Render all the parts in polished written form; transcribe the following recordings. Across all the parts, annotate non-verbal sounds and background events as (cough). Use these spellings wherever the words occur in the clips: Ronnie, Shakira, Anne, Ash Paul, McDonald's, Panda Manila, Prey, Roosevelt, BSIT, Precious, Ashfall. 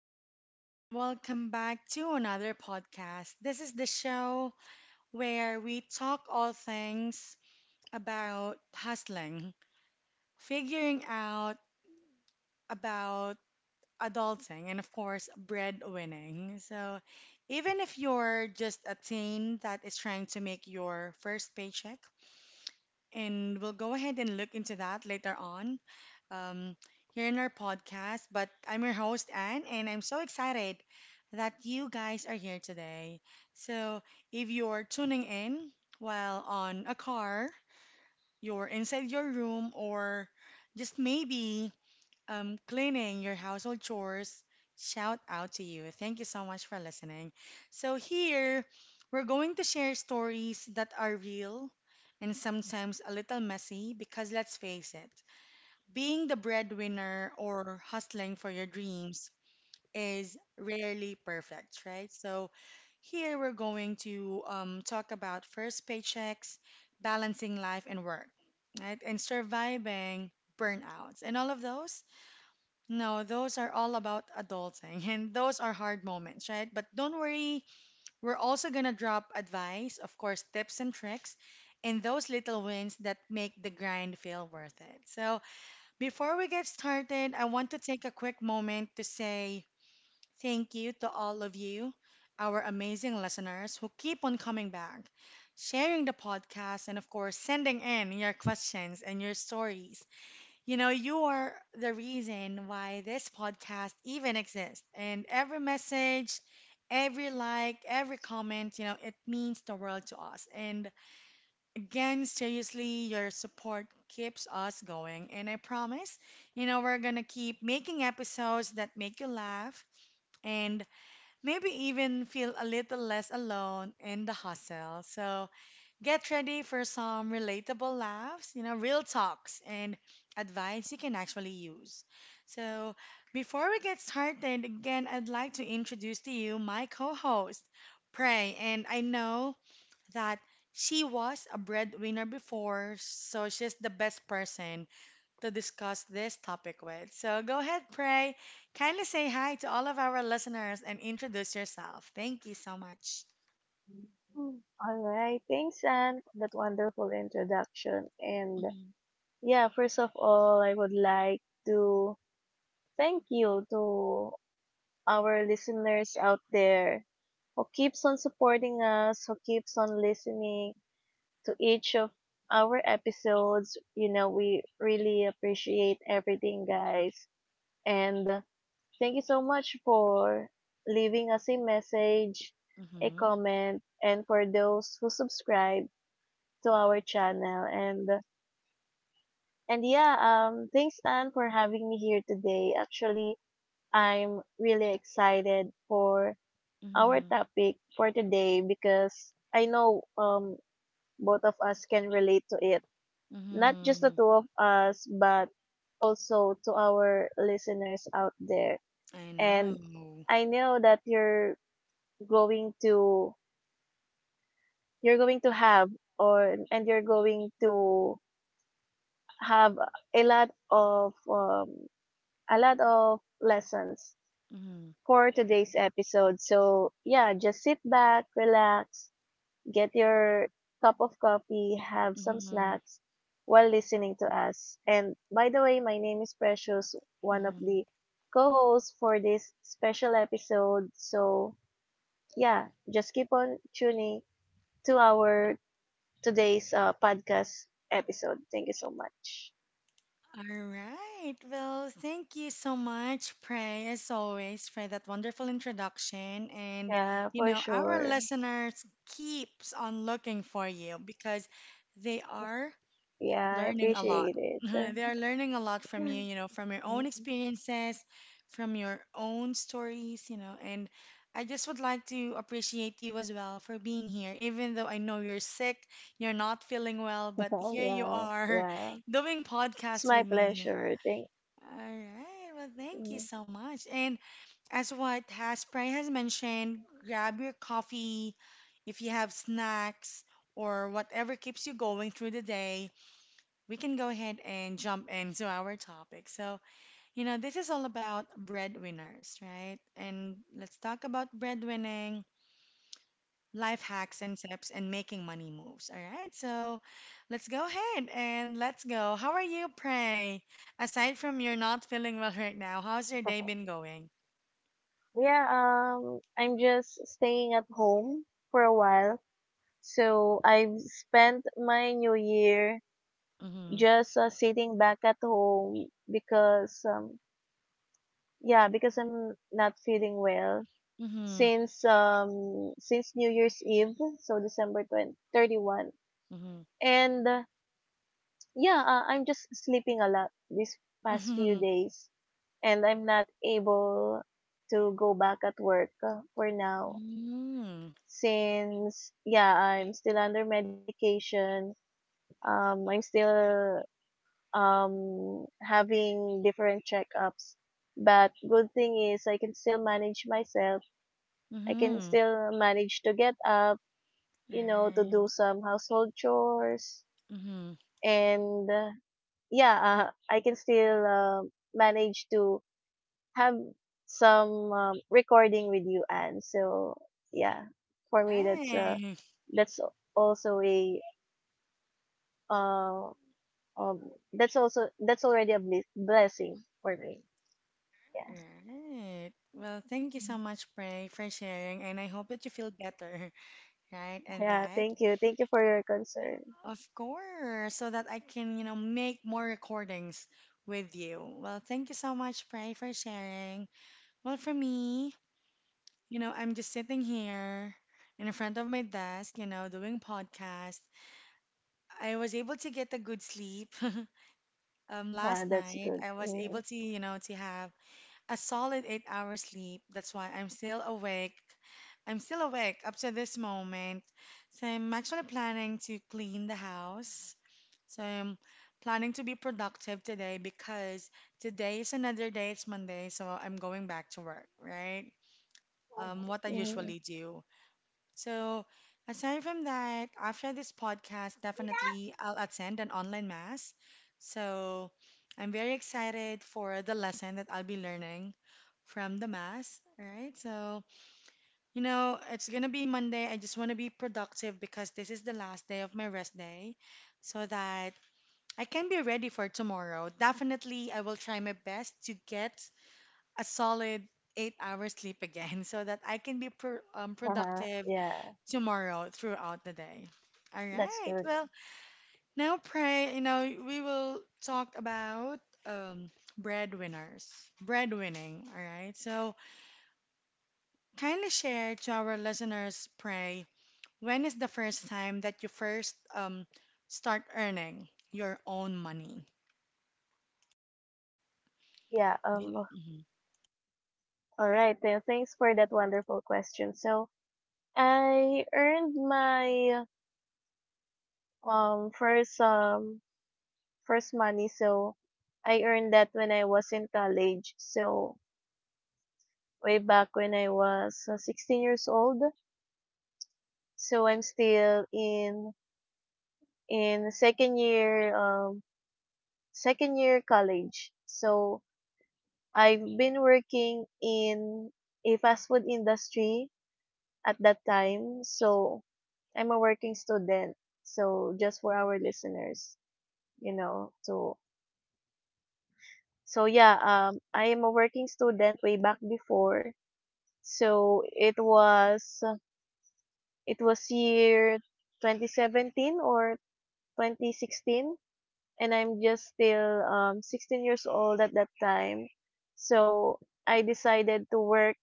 everyone, and welcome back to another podcast. This is the show where we talk all things about hustling, figuring out about adulting, and of course, breadwinning. So, even if you're just a teen that is trying to make your first paycheck, and we'll go ahead and look into that later on um, here in our podcast. But I'm your host, Anne, and I'm so excited that you guys are here today. So, if you're tuning in while on a car, you're inside your room, or just maybe cleaning your household chores, shout out to you. Thank you so much for listening. So, here we're going to share stories that are real and sometimes a little messy because let's face it. Being the breadwinner or hustling for your dreams is rarely perfect, right? So, here we're going to talk about first paychecks, balancing life and work, right? And surviving burnouts and all of those. No, those are all about adulting (laughs) and those are hard moments, right? But don't worry, we're also going to drop advice, of course, tips and tricks, and those little wins that make the grind feel worth it. So, before we get started, I want to take a quick moment to say thank you to all of you, our amazing listeners who keep on coming back, sharing the podcast, and of course, sending in your questions and your stories. You know, you are the reason why this podcast even exists. And every message, every like, every comment, it means the world to us. And again, seriously, your support keeps us going. And I promise, we're going to keep making episodes that make you laugh and maybe even feel a little less alone in the hustle. So get ready for some relatable laughs, real talks and advice you can actually use. So before we get started, again, I'd like to introduce to you my co host, Prey. And I know that she was a breadwinner before, so she's the best person to discuss this topic with. So go ahead, Pray. Kindly say hi to all of our listeners and introduce yourself. Thank you so much. Mm. All right, thanks, Anne, for that wonderful introduction. And Mhm, yeah, first of all, I would like to thank you to our listeners out there who keeps on supporting us, who keeps on listening to each of our episodes. You know, we really appreciate everything, guys. And Thank you so much for leaving us a message, a mhm, comment, and for those who subscribe to our channel. Thanks Anne for having me here today. Actually, I'm really excited for our mhm, topic for today because I know both of us can relate to it. Not just the mhm. two of us, but also to our listeners out there. I And know. I know that going to you're going to or and you're going to have a lot of um, a lot of lessons Mhm, for today's episode. So, yeah, just sit back, relax, get your cup of coffee, have some mhm, snacks while listening to us. And by the way, my name is Precious, one of mhm. the co hosts for this special episode. So, yeah, just keep on tuning to our today's podcast episode. Thank you so much. All right. Well, thank you so much, Prey, as always, for that wonderful introduction. And, Yeah, for our sure. listeners keeps on looking for you because they are Yeah, I learning a lot. appreciate (laughs) They are learning a lot from it. you, from your own (laughs) experiences, from your own stories. And I just would like to appreciate you as well for being here, even though I know you're sick, you're not feeling well, but So here you yeah, are yeah. (laughs) doing It's podcasts my with me. pleasure. Thank All right. Well, thank you mm. so much. And as what Haspray has mentioned, grab your coffee if you have snacks or whatever keeps you going through the day. We can go ahead and jump into our topic. So, this is all about breadwinners, right? And let's talk about breadwinning life hacks and tips and making money moves. All right, so let's go ahead and let's go. How are you, Pray? Aside from you're not feeling well right now, how's your day Okay. been going? Yeah, I'm just staying at home for a while. So I've spent my new year Mm-hmm. just sitting back at home because yeah, because I'm not feeling well Mm-hmm. Since New Year's Eve, so December thirty-first. And uh, yeah, I'm just sleeping a lot these past few Mm-hmm. (laughs) days and I'm not able to go back at work for now Mm-hmm. Mm-hmm. since yeah, I'm still under medication. I'm still having different checkups. But good thing is I can still manage myself. I can Mm-hmm. still manage to get up, you know, to do Right. some household chores Mm-hmm. and yeah, I can still manage to have some recording with you and so yeah for me Right. that's al- also a uh, um that's also that's already a blessing for me yeah Right. Well, thank you so much, Pray, for sharing, and I hope that you feel better, (laughs) right? And yeah that. Thank you for your concern Of course, so that I can, make more recordings with you. Well, thank you so much, Pray, for sharing. Well, for me, I'm just sitting here in front of my desk, doing podcast. I was able to get a good sleep. (laughs) Yeah last that's night, good I was mm-hmm. able to, to have a solid 8 hour sleep. That's why I'm still awake. I'm still awake up to this moment. So I'm actually planning to clean the house. So I'm planning to be productive today because today is another day. It's Monday, so I'm going back to work, right? What I Mm-hmm. usually do. So aside from that, after this podcast, definitely I'll attend an online mass. So I'm very excited for the lesson that I'll be learning from the mass, right? So, it's gonna be Monday. I just want to be productive because this is the last day of my rest day so that I can be ready for tomorrow. Definitely, I will try my best to get a solid 8 hours sleep again (laughs) so that I can be Uh-huh. productive Yeah, tomorrow throughout the day. All that's right. good. Well, now, pray, you know, we will talk about um, breadwinners, breadwinning. All right. So, kindly share to our listeners, pray, when is the first time that you first start earning your own money? Yeah, Do um, Mhm. all right then, thanks for that wonderful question. So I earned my um first um first money. So I earned that when I was in college. So way back when I was 16 years old. So I'm still in second year, second year college. So I've been working in a fast food industry at that time. So I'm a working student. So just for our listeners, you know, so so yeah, I am a working student way back before. So it was year 2017 or 2016 and I'm just still 16 years old at that time. So I decided to work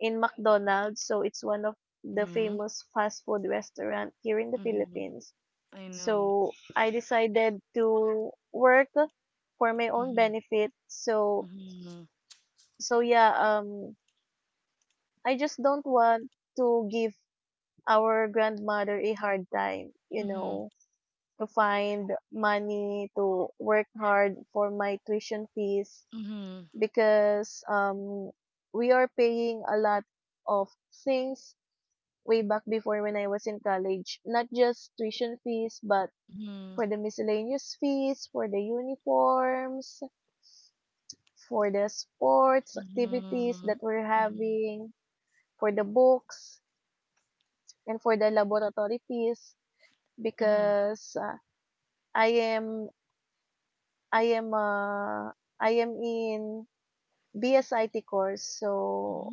in McDonald's. So it's one of the Mhm. famous fast food restaurant here in the Mm-hmm. Philippines. I know. So I decided to work for my own Mm-hmm. benefit. So Mm-hmm. so yeah, I just don't want to give our grandmother a hard time, you Mm-hmm. know, to find money to work hard for my tuition fees Mm-hmm. because we are paying a lot of things way back before when I was in college, not just tuition fees but Mm-hmm. for the miscellaneous fees, for the uniforms, for the sports Mm-hmm. activities Mm-hmm. that we're Mm-hmm. having, for the books, and for the laboratory fees Mm-hmm. because I am I am, ah, I am in BSIT course, so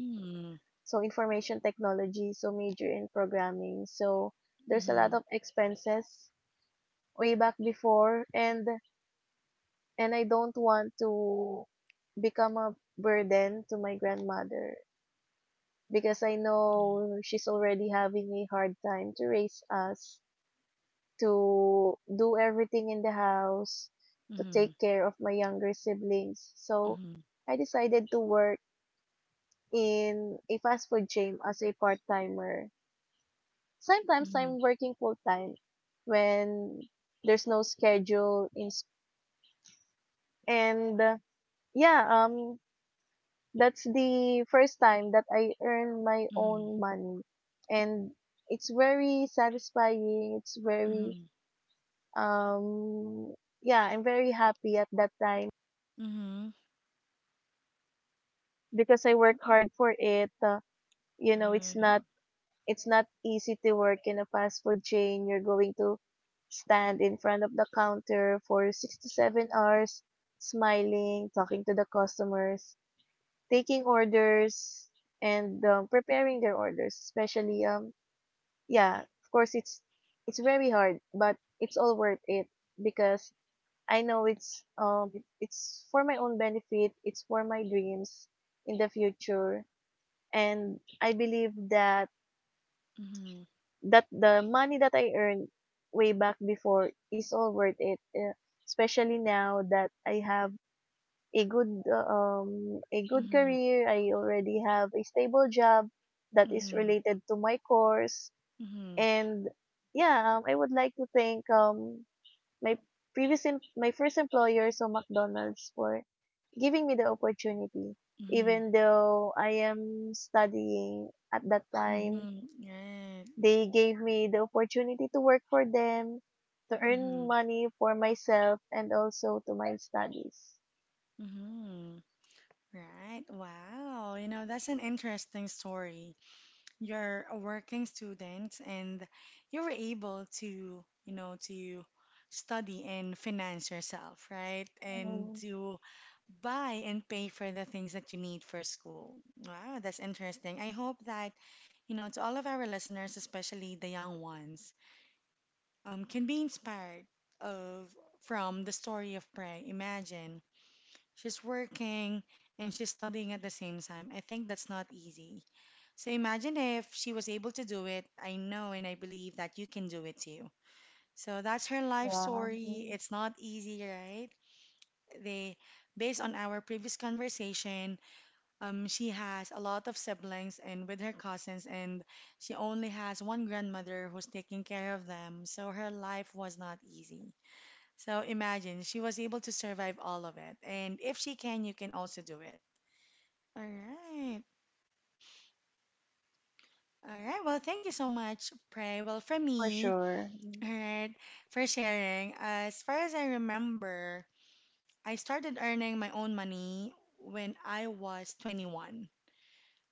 so information technology, so major in programming. So there's Mm-hmm. a Mm-hmm. lot Mm-hmm. of expenses way back before and I don't want to become a burden to my grandmother because I know she's already having a hard time to raise us, to do everything in the house, to Mm-hmm. take care of my younger siblings. So I decided to work in a fast food chain as a part timer. Sometimes I'm working full time when there's no schedule in s- and Yeah, that's the first time that I earn my own money and it's very satisfying. It's very Mm-hmm. um yeah, I'm very happy at that time Mm-hmm. Mm-hmm. because I work hard for it. You know, it's Right. not it's not easy to work in a fast food chain. You're going to stand in front of the counter for 6 to 7 hours, smiling, talking to the customers, taking orders, and preparing their orders. Especially, yeah, of course, it's very hard, but it's all worth it because I know it's for my own benefit. It's for my dreams in the future and I believe that Mm-hmm. that the money that I earned way back before is all worth it, especially now that I have a good Mm-hmm. career. I already have a stable job that is Mm-hmm. related to my course, Mm-hmm. and yeah, I would like to thank my my first employer, so McDonald's, for giving me the opportunity. Mm-hmm. Even though I am studying at that time, Mm-hmm. Right. they gave me the opportunity to work for them, to Mm-hmm. earn money for myself, and also to my studies. Mm-hmm. Right. Wow. You know, that's an interesting story. You're a working student and you were able to, to study and finance yourself, right? And Mm, to buy and pay for the things that you need for school. Wow, that's interesting. I hope that, to all of our listeners, especially the young ones, can be inspired of from the story of Prey. Imagine she's working and she's studying at the same time. I think that's not easy. So imagine if she was able to do it. I know and I believe that you can do it too. So that's her life yeah, story. mm, It's not easy, right? They, based on our previous conversation, she has a lot of siblings and with her cousins, and she only has one grandmother who's taking care of them. So her life was not easy. So imagine she was able to survive all of it. And if she can, you can also do it. All right. All right. Well, thank you so much, Pray. Well, for for me, sure. Mm, alright, for sharing. As far as I remember, I started earning my own money when I was 21.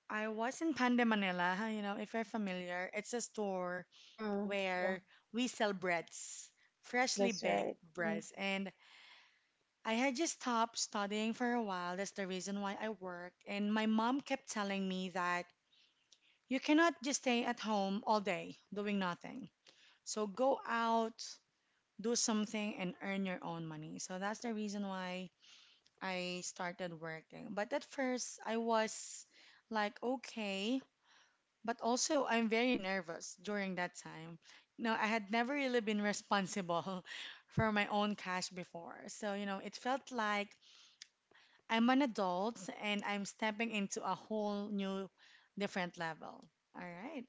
I was in Pande, Manila. You know, if you're familiar, it's a store mm, yeah, where we sell breads, freshly that's baked right. Mm, breads. And I had just stopped studying for a while. That's the reason why I work. And my mom kept telling me that you cannot just stay at home all day doing nothing. So go out, do something and earn your own money. So that's the reason why I started working. But at first, I was like, okay, but also I'm very nervous during that time. You know, I had never really been responsible (laughs) for my own cash before. So, it felt like I'm an adult and I'm stepping into a whole new, different level. All right.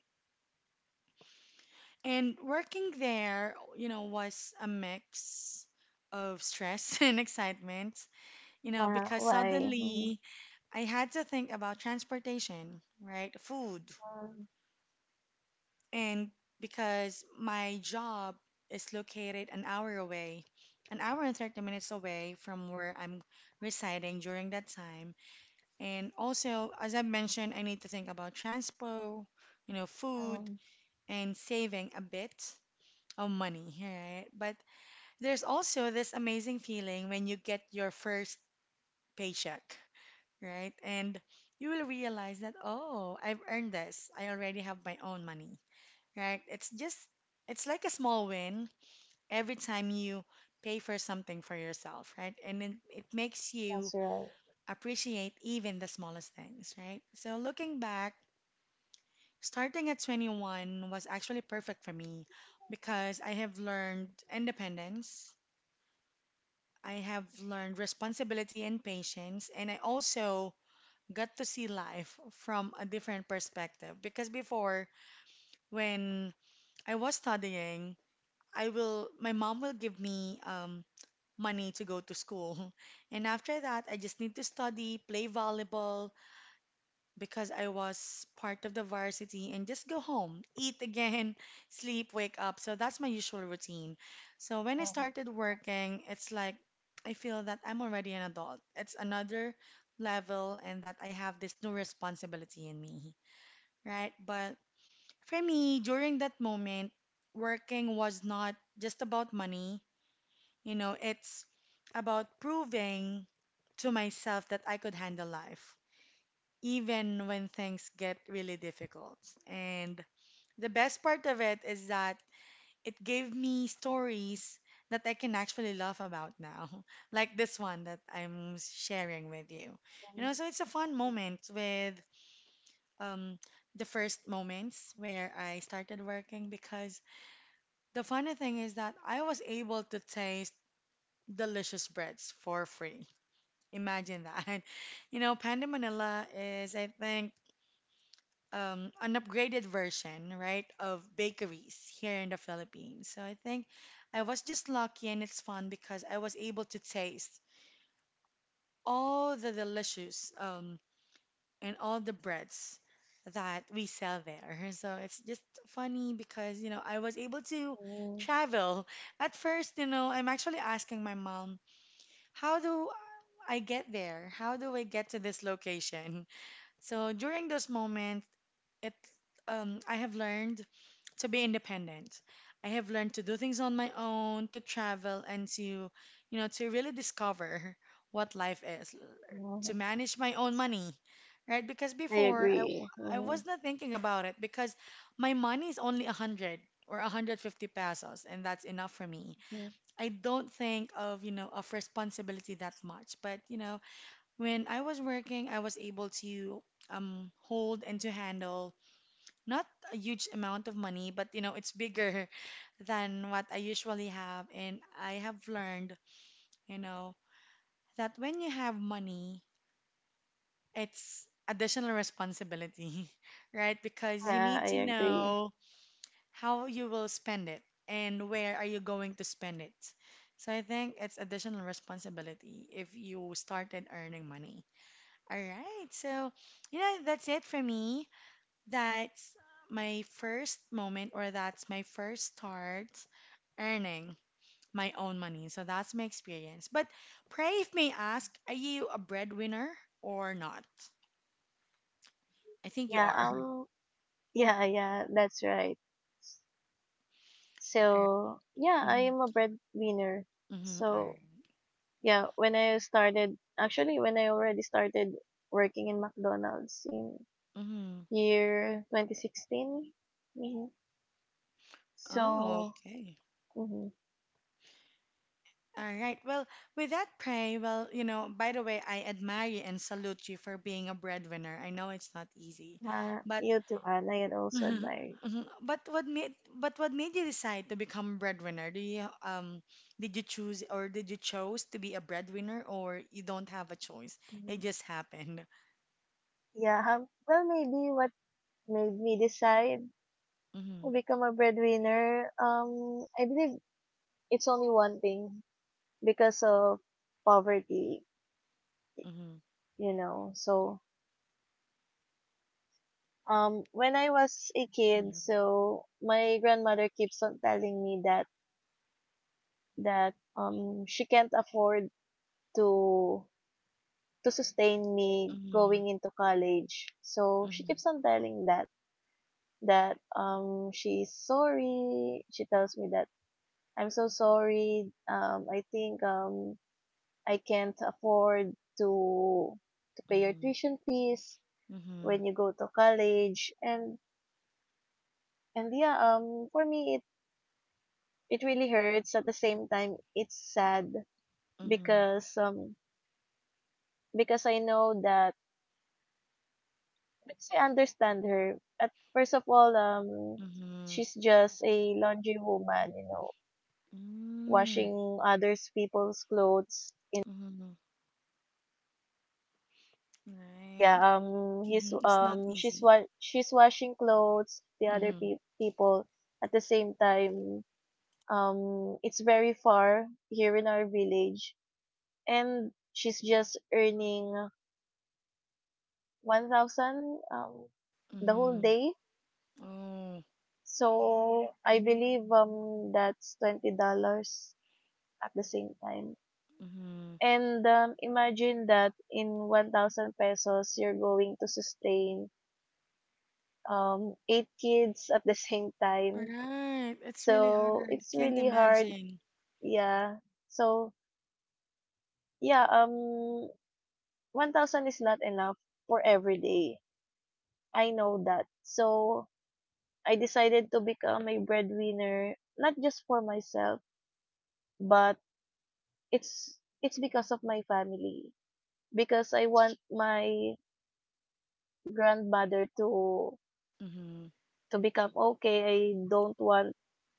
And working there, was a mix of stress (laughs) and excitement. You know, because why? Mm, suddenly I had to think about transportation, right? Food. mm, And because my job is located an hour away, an hour and 30 minutes away from where I'm residing during that time. And also, as I mentioned, I need to think about transpo, food, mm. and saving a bit of money, right? But there's also this amazing feeling when you get your first paycheck. Right? And you will realize that, oh, I've earned this. I already have my own money, right? It's just, it's like a small win every time you pay for something for yourself, right? And it makes That's you right. appreciate even the smallest things, right? So looking back, starting at 21 was actually perfect for me because I have learned independence. I have learned responsibility and patience, and I also got to see life from a different perspective because before when I was studying, I will my mom will give me money to go to school. (laughs) And after that, I just need to study, play volleyball because I was part of the varsity and just go home, eat again, (laughs) sleep, wake up. So that's my usual routine. So when I Um, started working, it's like I feel that I'm already an adult. It's another level and that I have this new responsibility in me, right? But for me, during that moment, working was not just about money. You know, it's about proving to myself that I could handle life, even when things get really difficult. And the best part of it is that it gave me stories that I can actually laugh about now, (laughs) like this one that I'm sharing with you. You know, so it's a fun moment with um, the first moments where I started working because the funny thing is that I was able to taste delicious breads for free. Imagine that. (laughs) You know, Panda Manila is, I think, an upgraded version, right, of bakeries here in the Philippines. So I think I was just lucky and it's fun because I was able to taste all the delicious and all the breads that we sell there. So it's just funny because, you know, I was able to mm, travel. At first, you know, I'm actually asking my mom, how do I get there? How do I get to this location? So during those moments, it I have learned to be independent. I have learned to do things on my own, to travel and to to really discover what life is, to no, manage my own money, right? Because I before agree. I was Mhm, not thinking about it because my money is only 100 or 150 pesos and that's enough for me. mhm. I don't think of, you know, of responsibility that much, but you know, when I was working, I was able to hold and to handle not a huge amount of money, but you know, it's bigger (laughs) than what I usually have. And I have learned, you know, that when you have money, it's additional responsibility, (laughs) right? Because you need Yeah, I to agree. know how you will spend it and where are you going to spend it. So I think it's additional responsibility if you started earning money. All right. So, you know, that's it for me. That's my first moment, or that's my first start earning my own money. So that's my experience. But pray if may ask, are you a breadwinner or not? I think you Yeah, are. Yeah, yeah, that's right. (laughs) All right. So, yeah, I Mm-hmm. am a breadwinner. Mm-hmm. All right. So, yeah, when I started, actually, when I already started working in McDonald's in Mm-hmm. year 2016. Mhm. Oh, So, okay. mhm, All right. Well, with that, pray. Well, you know, by the way, I admire you and salute you for being a breadwinner. I know it's not easy, but you too, Anne, I also mhm, admire mhm. But what made you decide to become breadwinner? Do you Did you choose or did you chose to be a breadwinner or you don't have a choice? you. It Mhm. just happened. Yeah, well, maybe what made me decide to Mhm, become a breadwinner, I believe it's only one thing because of poverty, mhm, you know. So, when I was a kid, mhm, so my grandmother keeps on telling me that she can't afford to to sustain me mhm, going into college. So she keeps on telling that she's sorry. She tells me that I'm so sorry. I think I can't afford to to pay your mhm, tuition fees mhm, when you go to college and for me it really hurts, at the same time it's sad mhm, because um because I know that because I understand her. At first of all, mhm, she's just a laundry woman, you know, mhm, washing others people's clothes. mm, mhm. Yeah Right. He's Mhm, it's not easy. She's washing clothes the Mhm, people. At the same time, it's very far here in our village and she's just earning 1,000, the whole mhm. day, Oh, so I believe that's $20 at the same time. mhm. And imagine that in 1,000 pesos you're going to sustain eight kids at the (laughs) same time. Right. It's really So, hard. it's Can't really hard, imagine. yeah. So, yeah, 1,000 is not enough for every day. I know that. So, I decided to become a breadwinner not just for myself, but it's because of my family because I want my grandmother Mm-hmm. to become okay. Don't want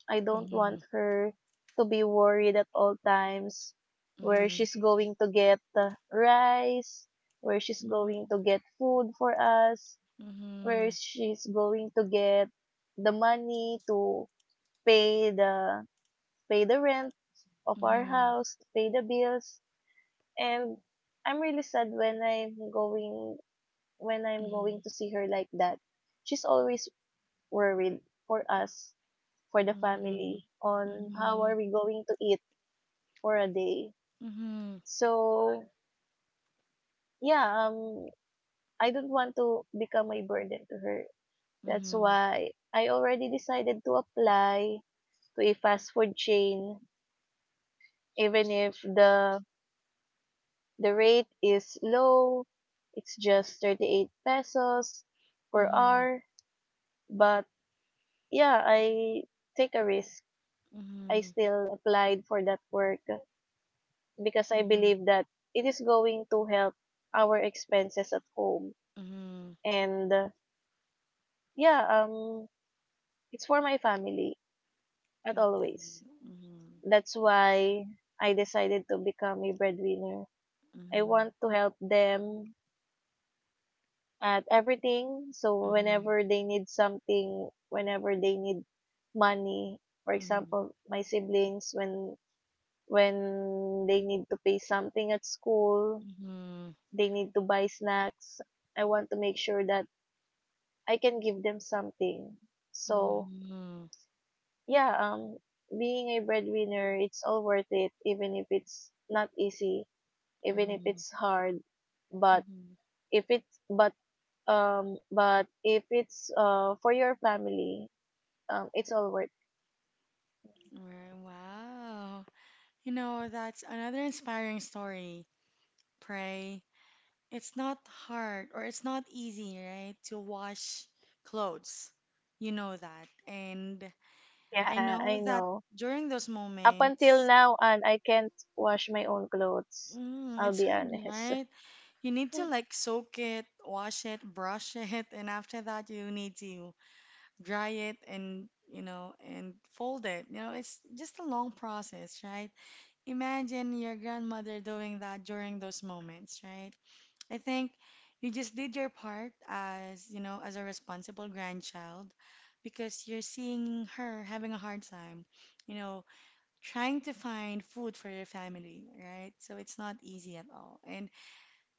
I don't want Mm-hmm. her to be worried at all times, where Mhm. she's going to get rice, where she's going Mhm. to get food for us, where Mhm. she's going to get the money to pay the pay the rent of our Mhm. house, to pay the bills. And I'm really sad when I'm going Mhm. to see her like that. She's always worried for us, for the Mhm. family, on how are Mhm. we going to eat for a day. Mhm. So, yeah, I don't want to become a burden to her. That's Mhm. why I already decided to apply to a fast food chain, even if the rate is low. It's just 38 pesos per Mhm. hour. But yeah, I take a risk. I still applied for that work because Mhm. I Mhm. believe that it is going to help our expenses at home Mhm. and yeah, it's for my family at It is. always. Mhm. That's why I decided to become a breadwinner. I Mhm. want to help them at everything. So Mhm. whenever they need something, whenever they need money, for Mhm. example, my siblings when they need to pay something at school, Mhm. they need to buy snacks. I want to make sure that I can give them something. So Mhm. yeah, being a breadwinner, it's all worth it, even if it's not easy, even if Mhm. it's hard. But Mhm. if it's but if it's for your family, it's all worth. Right. Wow. You know, that's another inspiring story. Pray, it's not hard or it's not easy, right, to wash clothes. You know that. And I Yeah, know I that know. during those Up until moments, now, and I can't wash my own clothes. mm, I'll it's be hard, honest. right? You need to (laughs) like soak it, wash it, brush it, (laughs) and after that you need to dry it and, you know, and fold it. You know, it's just a long process, right? Imagine your grandmother doing that during those moments, right? I think you just did your part as, you know, as a responsible grandchild because you're seeing her having a hard time, you know, trying to find food for your family, right? So it's not easy at all. And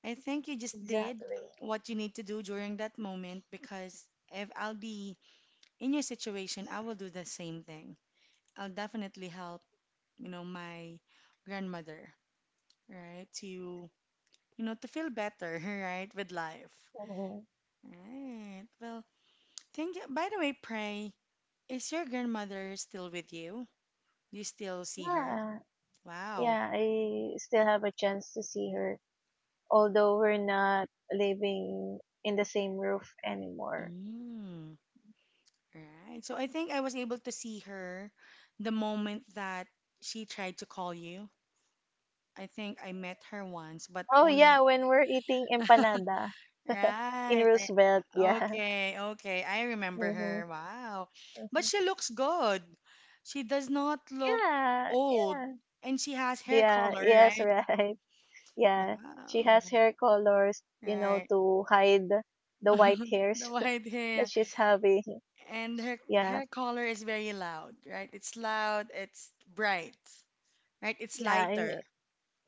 I think you just did Exactly. what you need to do during that moment because if I'll be in your situation, I will do the same thing. I'll definitely help, you know, my grandmother, right? To, you know, to feel better, (laughs) right, with life. Mhm. Right. Well, thank you. By the way, Pray, is your grandmother still with you? Do you still see her? Yeah, Wow. yeah, I still have a chance to see her although we're not living in the same roof anymore. Mm. Right. So I think I was able to see her the moment that she tried to call you. I think I met her once, but Oh yeah, only. when we're eating empanada (laughs) in Right. Roosevelt, yeah. okay. Okay. I remember Mm-hmm. her. Wow. But Hmm. she looks good. She does not look Yeah, old, yeah. and she has hair Yeah, color, yes, right? right. (laughs) Yeah. She has Wow. hair colors, you know, Right. to hide the white (laughs) hairs The white (laughs) that hair. she's having. And her Yeah. hair color is very loud, right? It's loud, it's bright, right? It's Yeah, lighter,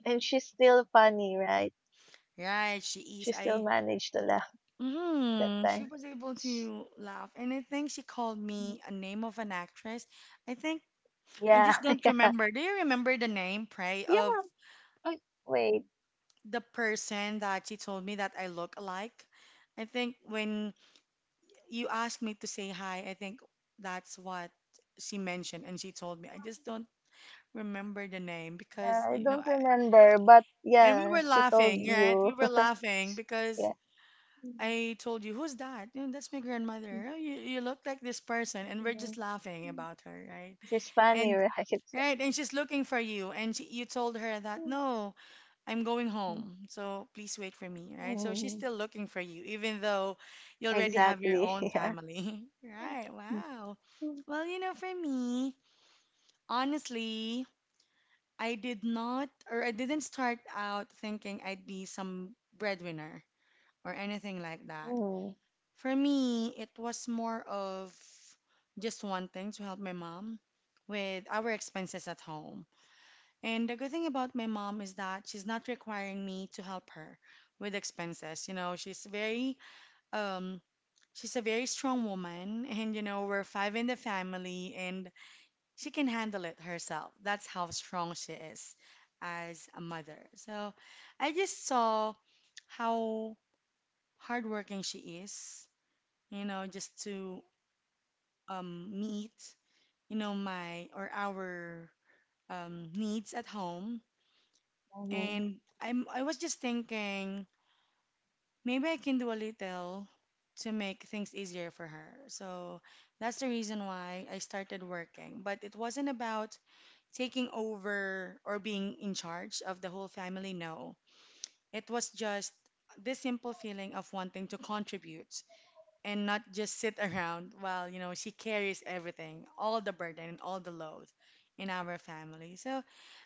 and she's still funny, right? right? She is. She still I. managed to laugh that Hmm. She time. was able to laugh. And I think she called Mm-hmm. me a name of an actress. I think I Yeah, just (laughs) don't yeah. remember. Do you remember the name, Pray, Yeah, of oh, wait. the person that she told me that I look alike? I think when you asked me to say hi. I think that's what she mentioned, and she told me. I just don't remember the name Yeah, because, I don't remember, but and we yeah, were she laughing, told right? We you. were (laughs) laughing because Yeah. Mm, I told you, who's that? You know, that's my mhm. grandmother. Oh, you look like this person, and we're just mm, laughing Mm. about her, right? She's funny, And right? (laughs) right, and she's looking for you, and you told her that mm, no, I'm going mm, home, so please wait for me, right? So she's Mm, still looking for you, even though you already have your exactly. own (laughs) Yeah. family, (laughs) right? Mm. Wow. Well, you know, for me, honestly, I didn't start out thinking I'd be some breadwinner or anything like Mm, that. mm, For me, it was more of just wanting to help my mom with our expenses at home. And the good thing about my mom is that she's not requiring me to help her with expenses. You know, um she's a very strong woman and you know, we're five in the family and she can handle it herself. That's how strong she is as a mother. So I just saw how hardworking she is, you know, just to meet, you know, my or our needs at home. mhm, And I was just thinking maybe I can do a little to make things easier for her. So that's the reason why I started working. But it wasn't about taking over or being in charge of the whole family, no. It was just this simple feeling of wanting to contribute and not just sit (laughs) around while, you know, she carries everything, all the burden and all the load in our family. So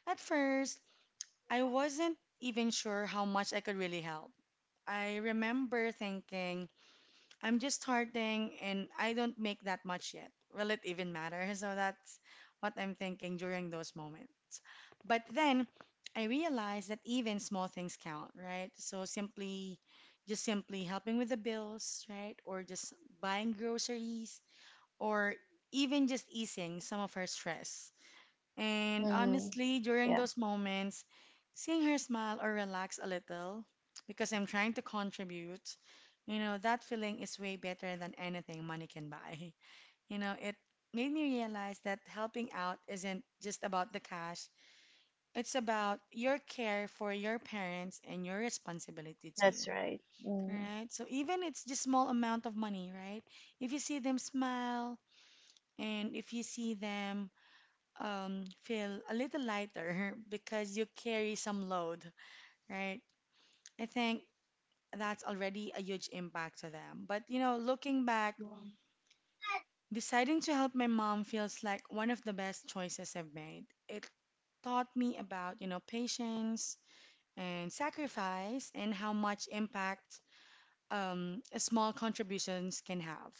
at first, I wasn't even sure how much I could really help. I remember thinking, I'm just starting and I don't make that much yet. Will it even matter? (laughs) So that's what I'm thinking during those moments. But then I realized that even small things count, right? Just simply helping with the bills, right? Or just buying groceries, or even just easing some of her stress. And mhm. honestly, during Yeah, those moments, seeing her smile or relax a little because I'm trying to contribute, you know, that feeling is way better than anything money can buy. (laughs) You know, it made me realize that helping out isn't just about the cash, it's about your care for your parents and your responsibility to that's you, right. Mm, right? So even it's just small amount of money, right? If you see them smile and if you see them feel a little lighter (laughs) because you carry some load, right? I think that's already a huge impact to them. But, you know, looking back, Yeah, deciding to help my mom feels like one of the best choices I've made. It taught me about, you know, patience and sacrifice and how much impact small contributions can have.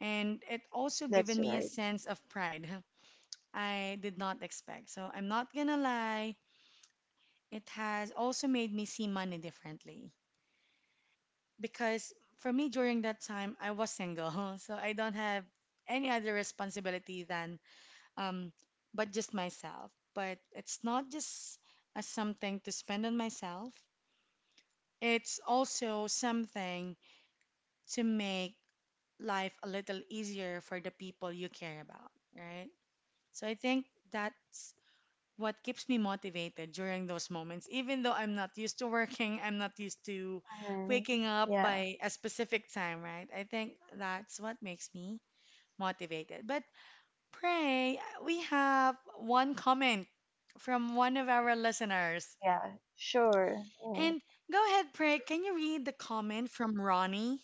And it also given that's me a right. sense of pride (laughs) I did not expect. So I'm not gonna lie, it has also made me see money differently because for me during that time I was single, (laughs) so I don't have any other responsibility than um but just myself. But it's not just a something to spend on myself. It's also something to make life a little easier for the people you care about, right? So I think that's what keeps me motivated during those moments, even though I'm not used to working, I'm not used to Mm, waking up yeah, by a specific time, right? I think that's what makes me motivated. But pray, we have one comment from one of our listeners. yeah, sure. Mm, And go ahead, pray, can you read the comment from Ronnie?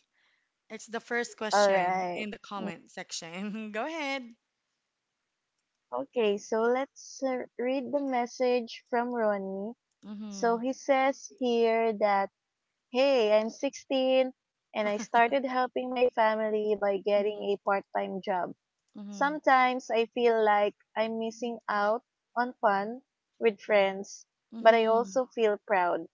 It's the first all question right. in the comment section. (laughs) Go ahead. Okay, so let's read the message from Ronnie. So Mm-hmm. he says here that, hey, I'm 16 and I (laughs) started helping my family by getting Mm-hmm. a part time job. Mm-hmm. Sometimes I feel like I'm missing out on fun with friends, but I Mm-hmm. also feel proud.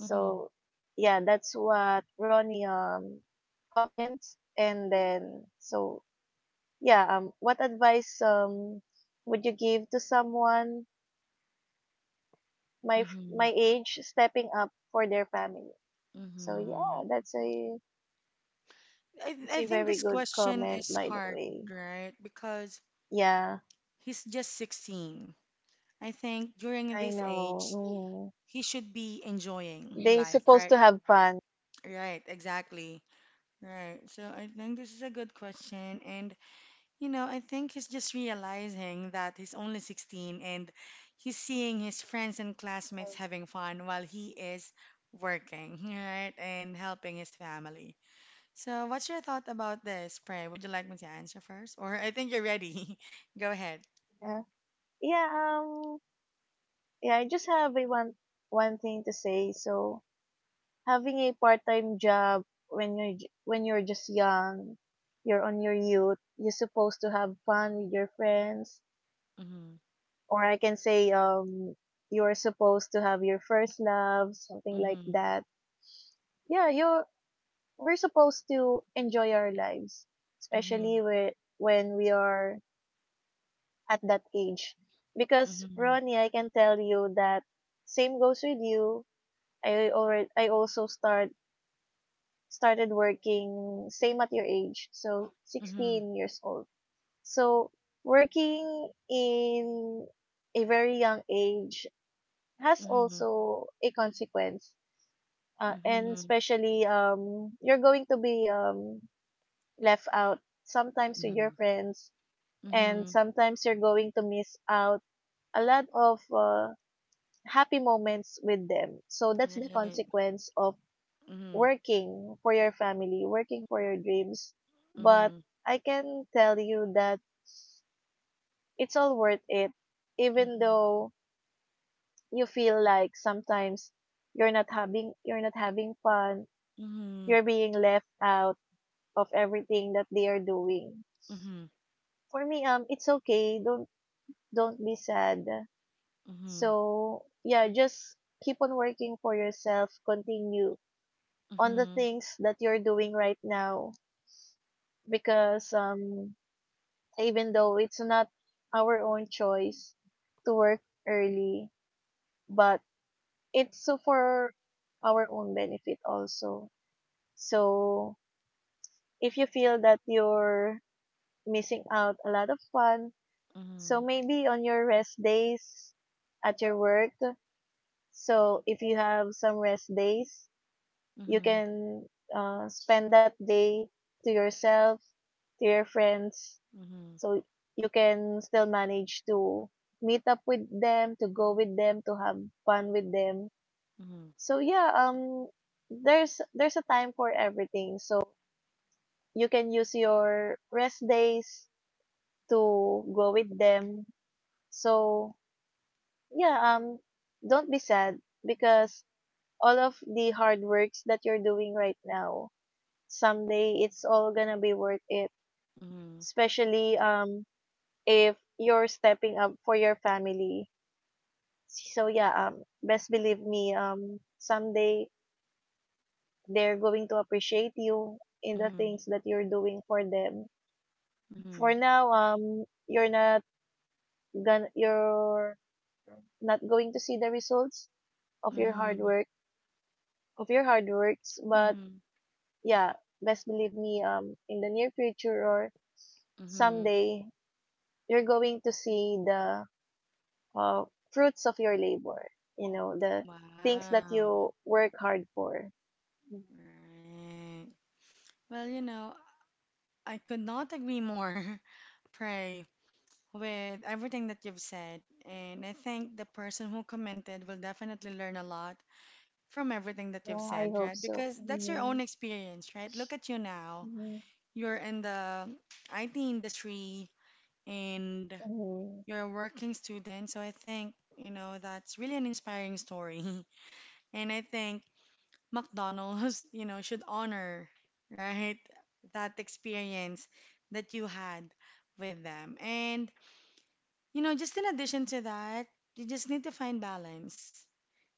Mm-hmm. yeah, that's what Ronnie comments. And then, so, yeah, what advice would you give to someone my, Mm-hmm. my age stepping up for their family? So Mm-hmm. yeah, I, that's I a think very this good question comment, is by the hard, way. right? Because Yeah, he's just 16. I think during I this age, know. he should be Mm. enjoying They life, supposed right? to have fun. Right, exactly. Right. So I think this is a good question. And, you know, I think he's just realizing that he's only 16 and he's seeing his friends and classmates having fun while he is working, (laughs) right? And helping his family. So, what's your thought about this, Pray? Would you like me to answer first? Or I think you're ready. (laughs) Go ahead. Yeah. Yeah. Yeah. I just have a one one thing to say. So having a part time job when you're when you're just young, you're on your youth. You're supposed to have fun with your friends, Mhm, or I can say you're supposed to have your first love, something like mhm, that. Yeah. You We're supposed to enjoy our lives, especially mhm, when we are at that age. Because mhm, Ronnie, I can tell you that same goes with you. I also started working same at your age, so mhm, 16 years old. So working in a very young age has mhm, also a consequence. And mhm, especially you're going to be left out sometimes with your mhm, friends, and mhm. sometimes you're going to miss out a lot of happy moments with them. So that's the Right. consequence of Mhm, working for your family, working for your dreams. But mhm, I can tell you that it's all worth it, even though you feel like sometimes you're not having fun, mhm, mhm, you're being left out of everything that they are doing. mhm, For me, it's okay. Don't be sad. mhm, So, yeah, just keep on working for yourself, continue mhm, on the mhm, things that you're doing right now, because even though it's not our own choice to work early, but it's so for our own benefit also. So, if you feel that you're missing out a lot of fun, so mhm, maybe on your rest days at your work, so if you have some rest days, mhm, you mhm, can spend that day to yourself, to your friends, mhm, so you can still manage to meet up with them, to go with them, to have fun with them. So yeah, um, there's a time for everything. So you can use your rest days to go with them. So yeah, don't be sad, because all of the hard works that you're doing right now, someday it's all gonna be worth it, mhm, especially if you're stepping up for your family. So yeah, best believe me, someday they're going to appreciate you in the things that you're doing for them. For mhm, now, you're not gonna you're not going to see the results of your hard mhm, work, of your hard works but mhm, yeah, best believe me, in the near future or mhm. someday you're going to see the uh, fruits of your labor, you know, the things that Wow. you work hard for. Mm. Right. Well, you know, I could not agree more, (laughs) Pray, with everything that you've said. And I think the person who commented will definitely learn a lot from everything that Yeah, you've I said, hope right? so. Because that's your Mhm. own experience, right? Look at you now. Mm-hmm. You're in the IT industry and Mhm. you're a working student. So I think, you know, that's really an inspiring story. (laughs) And I think McDonald's, (laughs) should honor, right? That experience that you had with them. And, just in addition to that, you just need to find balance,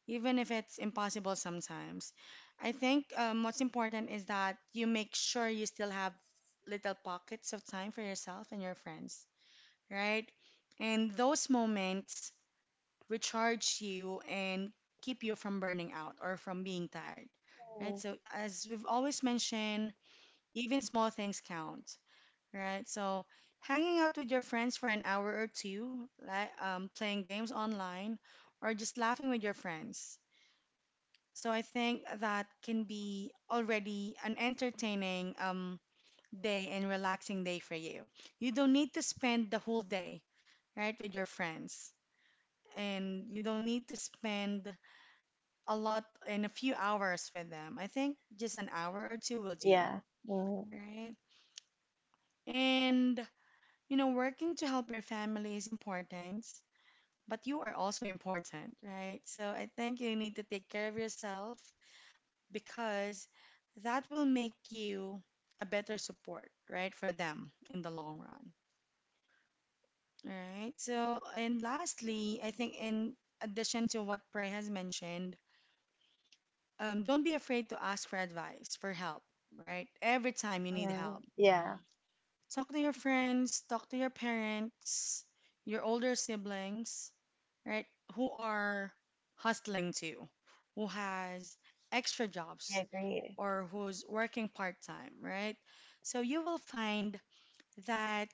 even if it's impossible sometimes. I think what's important is that you make sure you still have little pockets of time for yourself and your friends, right? And those moments recharge you and keep you from burning out or from being tired, right? Mm-hmm. So, as we've always mentioned, even small things count, right? So, hanging out with your friends for an hour or two, like playing games online, or just laughing with your friends. So, I think that can be already an entertaining day and relaxing day for you. You don't need to spend the whole day, right, with your friends. And you don't need to spend a lot in a few hours with them. I think just an hour or two will do, Yeah. Mhm. right? And working to help your family is important, but you are also important, right? So I think you need to take care of yourself because that will make you a better support, right, for them in the long run. All right. So, and lastly, I think in addition to what Prey has mentioned, don't be afraid to ask for advice, for help, right? Every time you need help, Mm-hmm. Yeah, talk to your friends, talk to your parents, your older siblings, right? Who are hustling too, who has extra jobs I agree. or who's working part time, right? So you will find that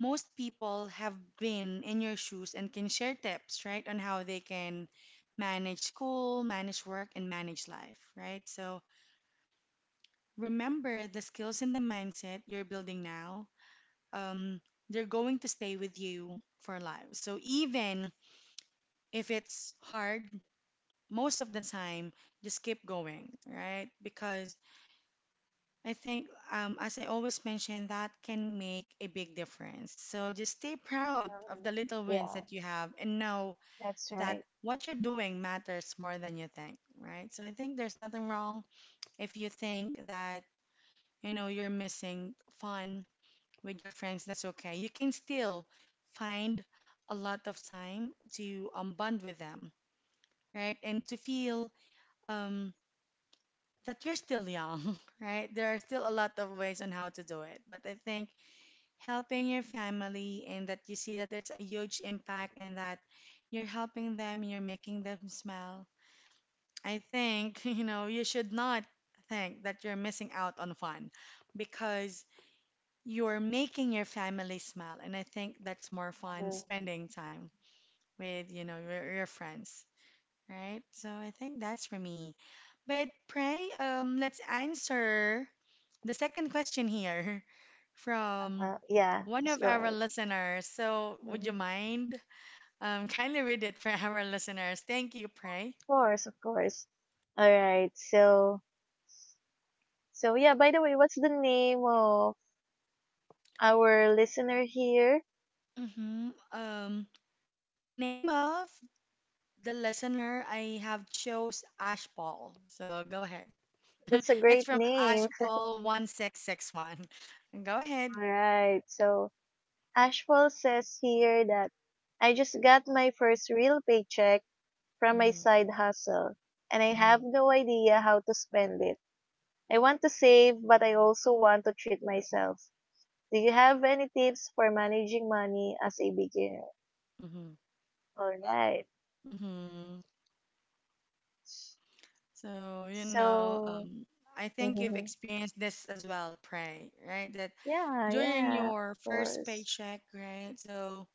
most people have been in your shoes and can share tips, right, on how they can manage school, manage work, and manage life, right? So remember the skills and the mindset you're building now, um, they're going to stay with you for life. So even if it's hard, most of the time, just keep going, right? Because I think, as I always mention, that can make a big difference. So just stay proud of Mm-hmm. the little wins Yeah, that you have and know that's that right. what you're doing matters more than you think, right? So I think there's nothing wrong if you think that, you're missing fun with your friends, that's okay. You can still find a lot of time to bond with them, right? And to feel um, that you're still young, (laughs) right? There are still a lot of ways on how to do it. But I think helping your family and that you see that it's a huge impact and that you're helping them, you're making them smile. I think, (laughs) you should not think that you're missing out on fun because you're making your family smile, and I think that's more fun Mm-hmm. spending time with, your friends, right? So I think that's for me. But pray, let's answer the second question here (laughs) from Uh, yeah, one let's of go our ahead. listeners. So would you Mhm. Of mind? (laughs) Kindly read it for our listeners. Thank you, pray. course, of course. All right, so. So yeah, by the way, what's the name of our listener here? hmm Um, the name of the listener I have chose Ash Paul. So go ahead. (laughs) That's a It's great from name. (laughs) Ashpaul1661. Go ahead. All right, so Ashfall says here that I just got my first real paycheck from my hmm side hustle and I have hmm no idea how to spend it. I want to save, but I also want to treat myself. Do you have any tips for managing money as a beginner? hmm All right. hmm So, So, I think you've mhm. experienced this as well, Pray, right? That Yeah, during yeah, of your first course. paycheck, right? So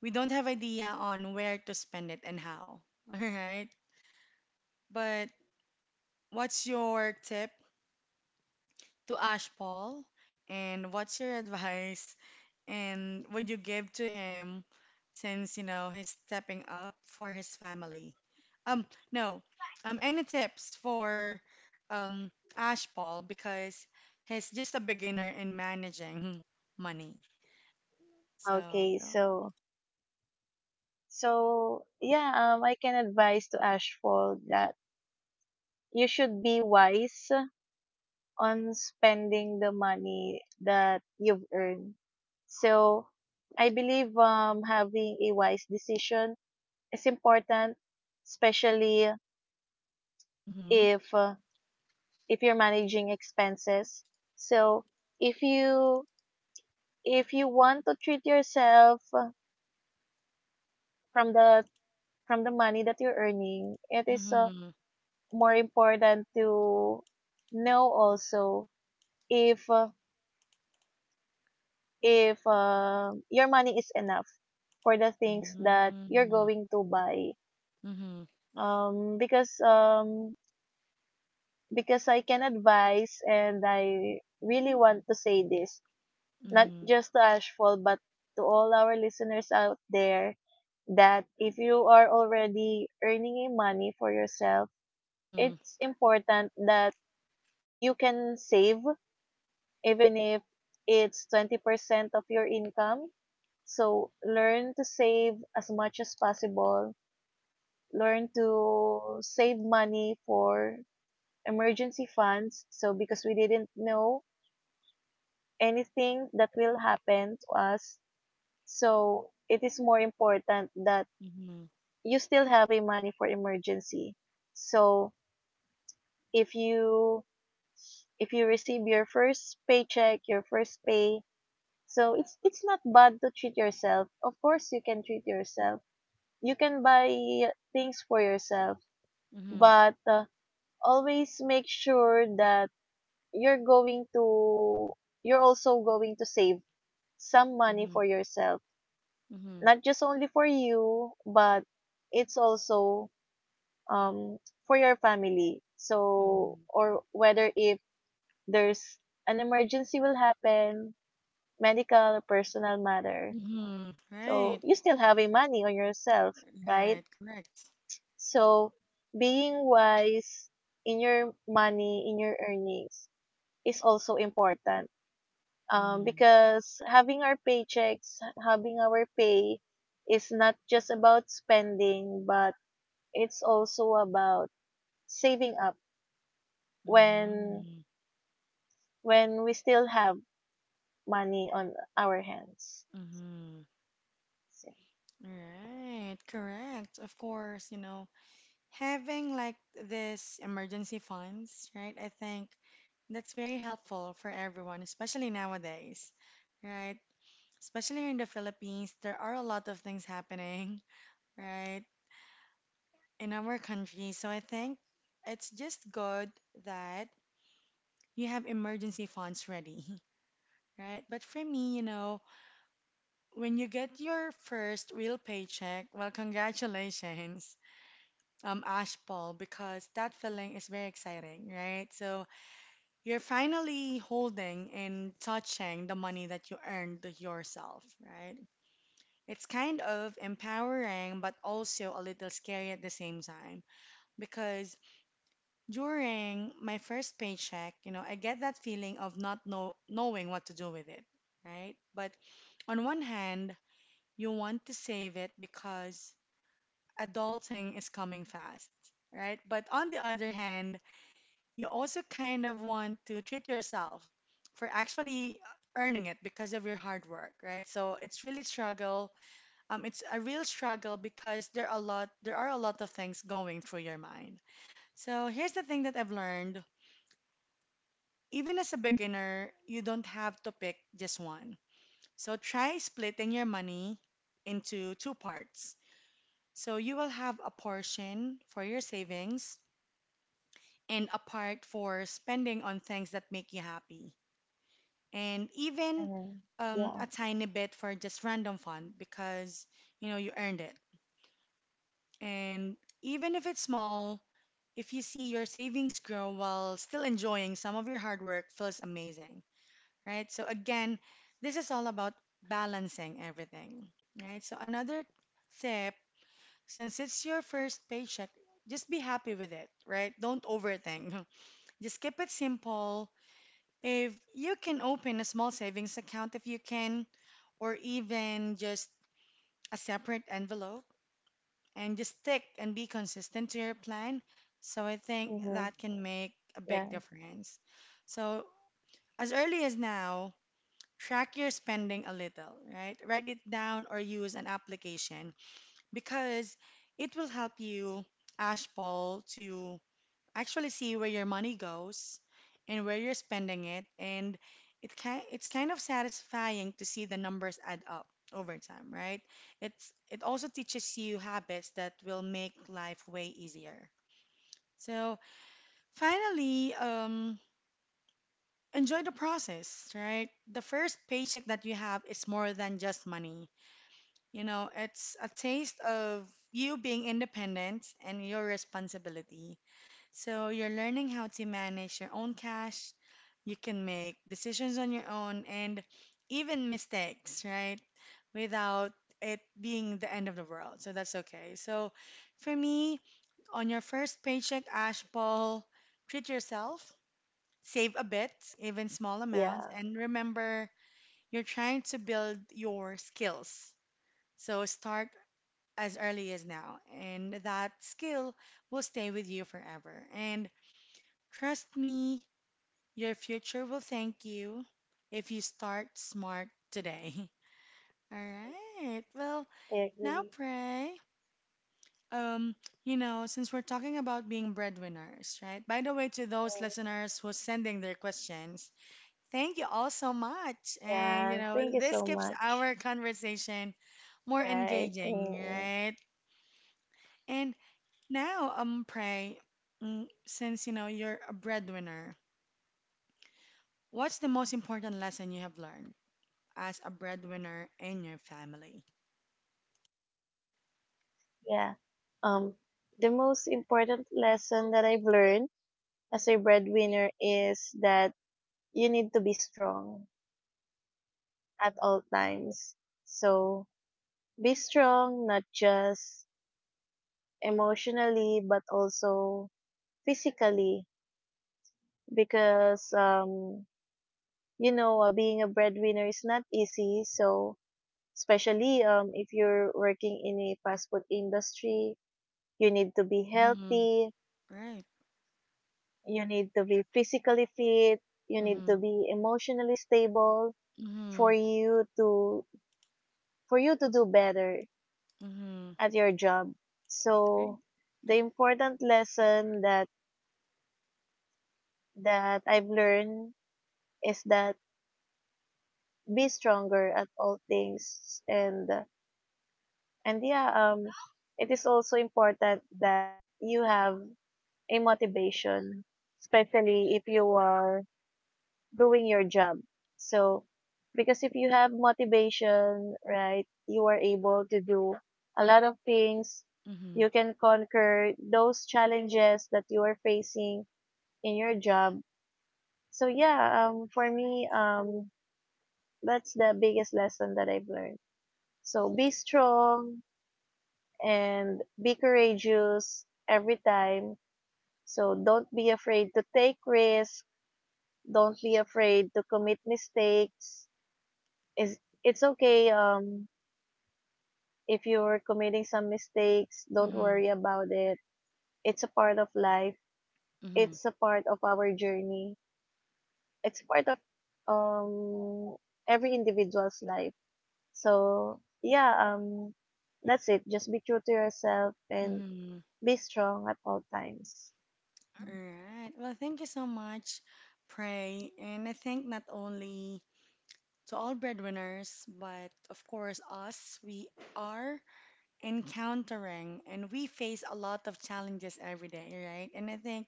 we don't have idea on where to spend it and how, (laughs) all right? But what's your tip to Ash Paul? And what's your advice and what you give to him since you know he's stepping up for his family. Um, no, any tips for um Ash Paul because he's just a beginner in managing money. So Okay, go. so, so, yeah, I can advise to Ashfall that you should be wise on spending the money that you've earned. So I believe having a wise decision is important, especially Mm-hmm. if uh, if you're managing expenses. So if you if you want to treat yourself, from the money that you're earning, it is, Mm-hmm. more important to know also if, if your money is enough for the things that you're Mm-hmm. going to buy, Mm-hmm. Mm-hmm. um because um because I can advise and I really want to say this not just to Ashfall but to all our listeners out there that if you are already earning money for yourself, Mm-hmm. Mm-hmm. it's important that you can save even if it's 20% of your income. So learn to save as much as possible. Learn to save money for emergency funds. So because we didn't know anything that will happen to us. So it is more important that Mm-hmm. you still have a money for emergency. So if you if you receive your first paycheck, your first pay, so it's not bad to treat yourself. Of course you can treat yourself. You can buy things for yourself, Mm-hmm. but always make sure that you're going to you're also going to save some money for yourself, Mm-hmm. not just only for you but it's also um for your family. So Mm-hmm. or whether if there's an emergency will happen, medical or personal matter, Mm-hmm. so Right. you still have a money on yourself, right? Right. Correct. So being wise in your money, in your earnings is also important, because having our paychecks, having our pay is not just about spending, but it's also about saving up when Mm-hmm. We still have money on our hands. Mm-hmm. So, Right, correct. Of course, having like this emergency funds, right? I think that's very helpful for everyone, especially nowadays, right? Especially here in the Philippines, there are a lot of things happening, right, in our country. So I think it's just good that you have emergency funds ready, (laughs) right? But for me, when you get your first real paycheck, well, congratulations Ash ball because that feeling is very exciting, right? So you're finally holding and touching the money that you earned yourself, right? It's kind of empowering, but also a little scary at the same time. Because during my first paycheck, I get that feeling of not know- knowing what to do with it, right? But on one hand, you want to save it because adulting is coming fast, right? But on the other hand, you also kind of want to treat yourself for actually earning it because of your hard work, right? So it's really struggle. It's a real struggle because there are a lot of things going through your mind. So here's the thing that I've learned. Even as a beginner, you don't have to pick just one. So try splitting your money into two parts. So you will have a portion for your savings and a part for spending on things that make you happy, and even mm, yeah, a tiny bit for just random fun because you know you earned it. And even if it's small, if you see your savings grow while still enjoying some of your hard work, feels amazing, right? So again, this is all about balancing everything, right? So another tip, since it's your first paycheck, just be happy with it, right? Don't overthink. (laughs) Just keep it simple. If you can open a small savings account, if you can, or even just a separate envelope and just stick and be consistent to your plan. So I think mm-hmm, that can make a yeah, big difference. So as early as now, track your spending a little, right? Write it down or use an application because it will help you, Ashpal, to actually see where your money goes and where you're spending it, and it's kind of satisfying to see the numbers add up over time, right? It's it also teaches you habits that will make life way easier. So finally, enjoy the process, right? The first paycheck that you have is more than just money. You know, it's a taste of you being independent and your responsibility. So you're learning how to manage your own cash. You can make decisions on your own and even mistakes, right? Without it being the end of the world. So that's okay. So for me, on your first paycheck, Ash Paul, treat yourself, save a bit, even small amounts, yeah, and remember you're trying to build your skills. So start as early as now, and that skill will stay with you forever. And trust me, your future will thank you if you start smart today. (laughs) All right. Well, I now agree. pray. Um, you know, since we're talking about being breadwinners, right? By the way, to those Mm. listeners who's sending their questions, thank you all so much. And you Yeah, know, thank you this so keeps much. our conversation more Right. engaging, Mm, right? And now, pray. Since you know you're a breadwinner, what's the most important lesson you have learned as a breadwinner in your family? yeah. Um, the most important lesson that I've learned as a breadwinner is that you need to be strong at all times. So be strong, not just emotionally, but also physically, because, you know, being a breadwinner is not easy. So, especially if you're working in a fast food industry, you need to be Mm-hmm. healthy, Right. you need to be physically fit, you need Mm-hmm. to be emotionally stable Mm-hmm. for you to do better Mm-hmm. at your job. Great. So the important lesson that I've learned is that be stronger at all things, and yeah, it is also important that you have a motivation, especially if you are doing your job. So, because if you have motivation, right, you are able to do a lot of things. Mm-hmm. You can conquer those challenges that you are facing in your job. So yeah, that's the biggest lesson that I've learned. So be strong and be courageous every time. So don't be afraid to take risks. Don't be afraid to commit mistakes. Is It's okay, if you're committing some mistakes, don't Mm-hmm. worry about it. It's a part of life, Mm-hmm. it's a part of our journey, it's part of, um every individual's life. So yeah, that's it. Just be true to yourself and Mm-hmm. be strong at all times. All right. Well, thank you so much, Pray. And I think not only to all breadwinners, but of course, us, we are encountering and we face a lot of challenges every day, right? And I think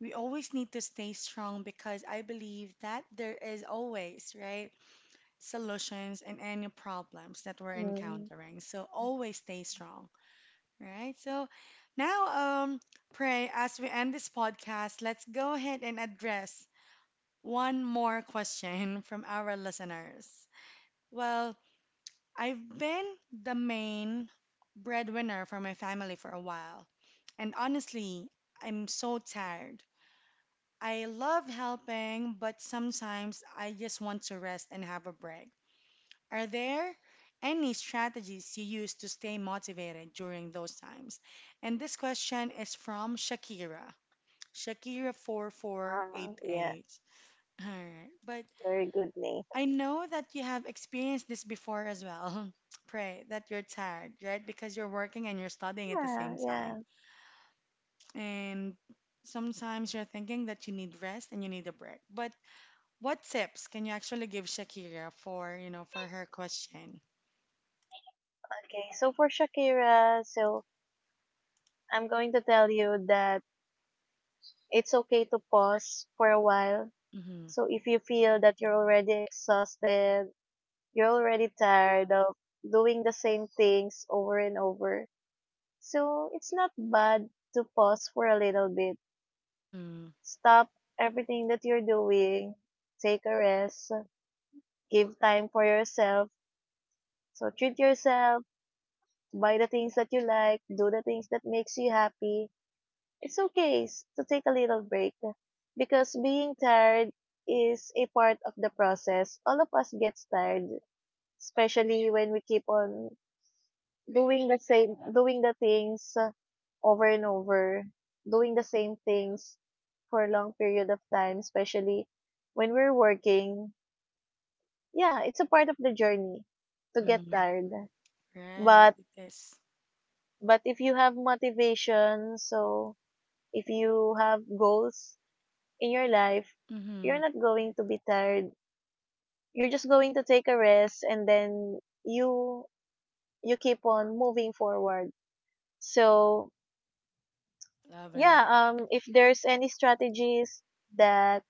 we always need to stay strong because I believe that there is always, right, solutions and any problems that we're Mm, encountering. So always stay strong, right? So now, pray as we end this podcast, let's go ahead and address one more question (laughs) from our listeners. Well, I've been the main breadwinner for my family for a while, and honestly, I'm so tired. I love helping, but sometimes I just want to rest and have a break. Are there any strategies you use to stay motivated during those times? And this question is from Shakira, ah, yeah, Shakira4488. All right, but very good name. I know that you have experienced this before as well. (laughs) Pray that you're tired, right? Because you're working and you're studying at the Yeah, same time. yeah. And sometimes you're thinking that you need rest and you need a break. But what tips can you actually give Shakira for, for her question? Okay, so for Shakira, so I'm going to tell you that it's okay to pause for a while. Mm-hmm. So if you feel that you're already exhausted, you're already tired of doing the same things over and over, so it's not bad to pause for a little bit. Mm-hmm. Stop everything that you're doing. Take a rest. Give time for yourself. So treat yourself. Buy the things that you like. Do the things that makes you happy. It's okay to take a little break because being tired is a part of the process. All of us gets tired, especially when we keep on doing the things, over and over, doing the same things for a long period of time, especially when we're working. Yeah, it's a part of the journey to get Mm-hmm. tired, Right. but Yes. If you have motivation, so if you have goals in your life, you're Mm-hmm. not going to be tired, you're just going to take a rest, and then you you keep on moving forward. So Love yeah, it. If there's any strategies that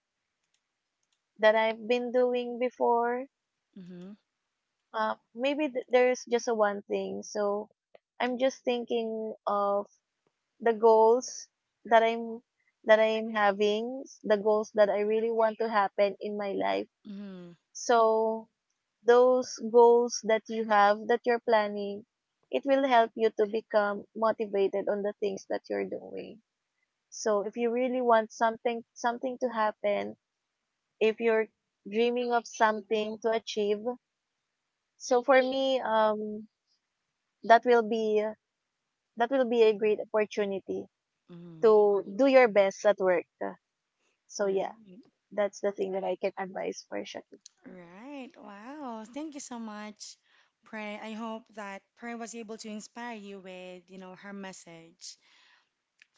I've been doing before, Mm-hmm. Maybe there's just a one thing. So I'm just thinking of the goals that I'm having, the goals that I really want to happen in my life. Mm-hmm. So those goals that you have that you're planning, it will help you to become motivated on the things that you're doing. So if you really want something to happen, if you're dreaming of something to achieve. So for me, that will be that will be a great opportunity Mm-hmm. to do your best at work. So yeah, Right. that's the thing that I can advise for Shakira. Right. Wow. Thank you so much, Prey. I hope that Prey was able to inspire you with, her message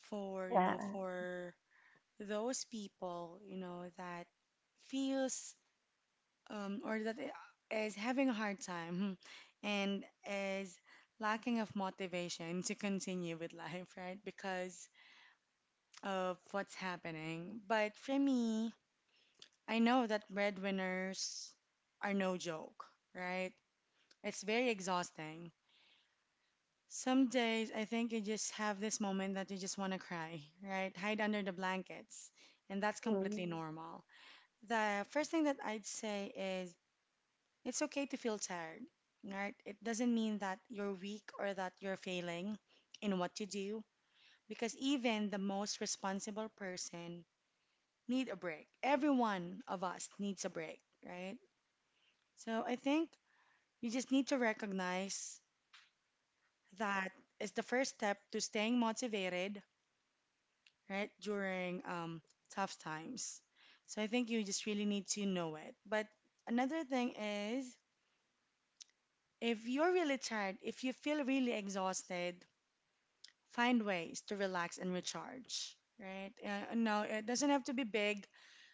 for, Yeah. For those people, that feels or that is having a hard time (laughs) and is lacking of motivation to continue with life, right? Because of what's happening. But for me, I know that breadwinners are no joke, right? It's very exhausting. Some days I think you just have this moment that you just want to cry, right? Hide under the blankets, and that's completely Mm, normal. The first thing that I'd say is it's okay to feel tired, right? It doesn't mean that you're weak or that you're failing in what you do, because even the most responsible person need a break. Every one of us needs a break, right? So I think you just need to recognize that is the first step to staying motivated, right, during tough times. So I think you just really need to know it. But another thing is if you're really tired, if you feel really exhausted, find ways to relax and recharge, right? No, it doesn't have to be big.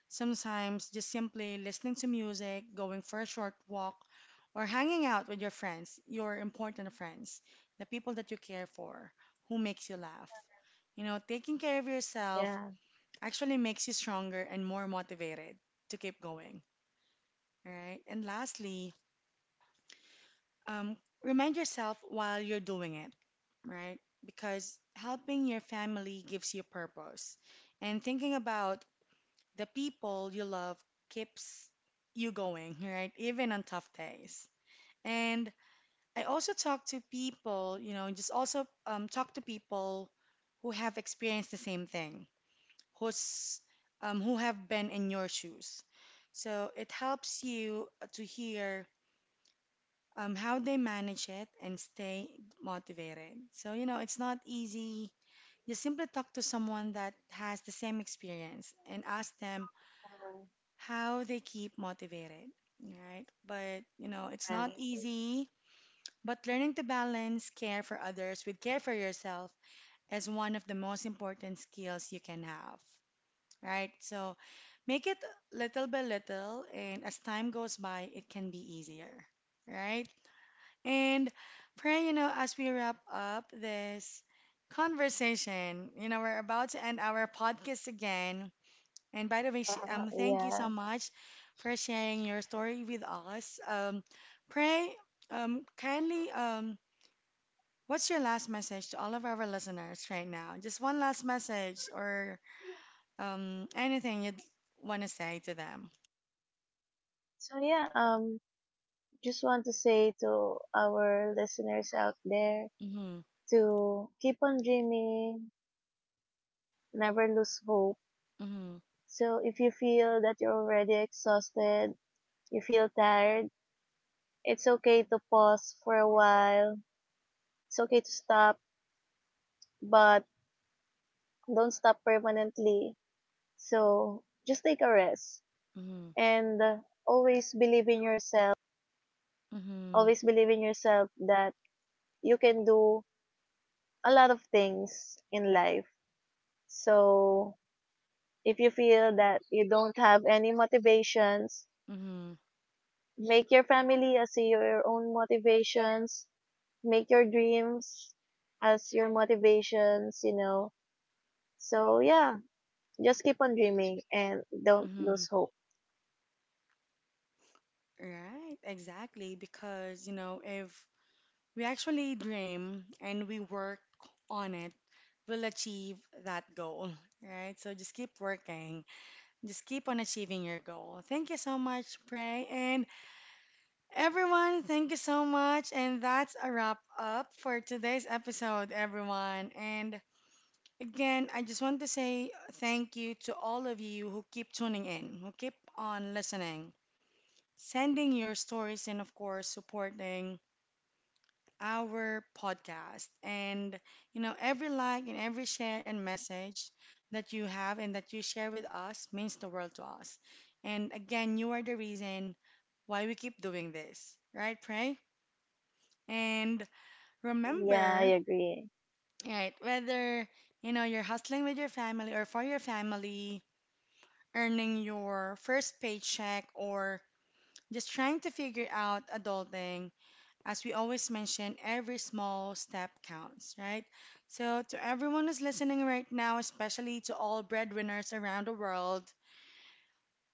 Sometimes just simply listening to music, going for a short walk, or hanging out with your friends, your important friends, the people that you care for, who makes you laugh. Taking care of yourself yeah. actually makes you stronger and more motivated to keep going, right? And lastly, um, remind yourself while you're doing it, right? Because helping your family gives you purpose. And thinking about the people you love keeps you going, right? Even on tough days. And I also talk to people, just also talk to people who have experienced the same thing, who's who have been in your shoes. So it helps you to hear how they manage it and stay motivated. So, you know, it's not easy. You simply talk to someone that has the same experience and ask them Um, how they keep motivated, right? But, you know, it's not right. easy. But learning to balance care for others with care for yourself is one of the most important skills you can have, right? So make it little by little, and as time goes by, it can be easier, right? And Pray, you know, as we wrap up this conversation, you know, we're about to end our podcast again. And by the way, Uh, thank you so yeah. much for sharing your story with us. Pray, kindly, what's your last message to all of our listeners right now? Just one last message or anything you'd want to say to them. So yeah, just want to say to our listeners out there Mm-hmm, to keep on dreaming, never lose hope. mm-hmm, So if you feel that you're already exhausted, you feel tired, it's okay to pause for a while. It's okay to stop, but don't stop permanently. So just take a rest, mm-hmm, and always believe in yourself. mm-hmm, Always believe in yourself, that you can do a lot of things in life. So if you feel that you don't have any motivations, mm-hmm, make your family as your own motivations. Make your dreams as your motivations, you know. So yeah, just keep on dreaming and don't mm-hmm. lose hope. Right, exactly. Because, you know, if we actually dream and we work on it, will achieve that goal, right? So just keep working, just keep on achieving your goal. Thank you so much, Pray. And everyone, thank you so much. And that's a wrap up for today's episode, everyone. And again, I just want to say thank you to all of you who keep tuning in, who keep on listening, sending your stories, and of course, supporting our podcast. And, you know, every like and every share and message that you have and that you share with us means the world to us. And again, you are the reason why we keep doing this, right, Pray? And Yeah, I remember, agree. right, whether, you know, you're hustling with your family or for your family, earning your first paycheck, or just trying to figure out adulting, as we always mention, every small step counts, right? So, to everyone who's listening right now, especially to all breadwinners around the world,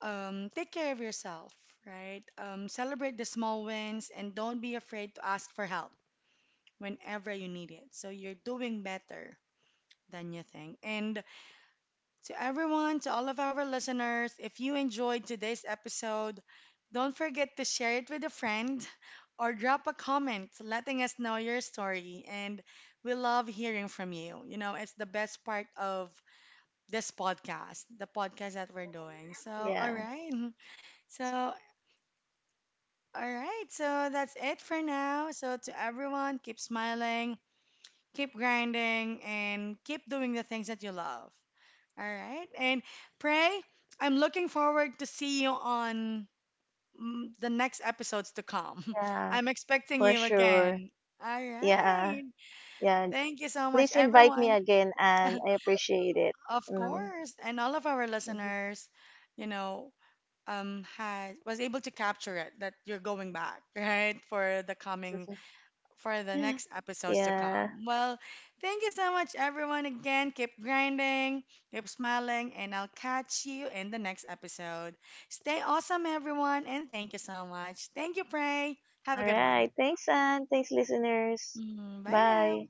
take care of yourself, right? Celebrate the small wins and don't be afraid to ask for help whenever you need it. So, you're doing better than you think. And to everyone, to all of our listeners, if you enjoyed today's episode, don't forget to share it with a friend or drop a comment letting us know your story. And we love hearing from you. You know, it's the best part of this podcast, the podcast that we're doing. So, all Yeah, right. So, all right. So, that's it for now. So, to everyone, keep smiling, keep grinding, and keep doing the things that you love. All right. And Pray, I'm looking forward to see you on the next episodes to come. (laughs) yeah, I'm expecting for you sure. again. All Yeah, right. yeah. Thank you so much, Please invite me everyone. again, and I appreciate it. Of Mm. course, and all of our Mhm. listeners, you know, had was able to capture it that you're going back, (laughs) right, for the Sure, coming sure. for (laughs) the Yeah. next episodes to Yeah. come. Well, thank you so much, everyone. Again, keep grinding, keep smiling, and I'll catch you in the next episode. Stay awesome, everyone, and thank you so much. Thank you, Pray. Have a All good one. right. Thanks, and thanks, listeners. Mm, bye now. Bye.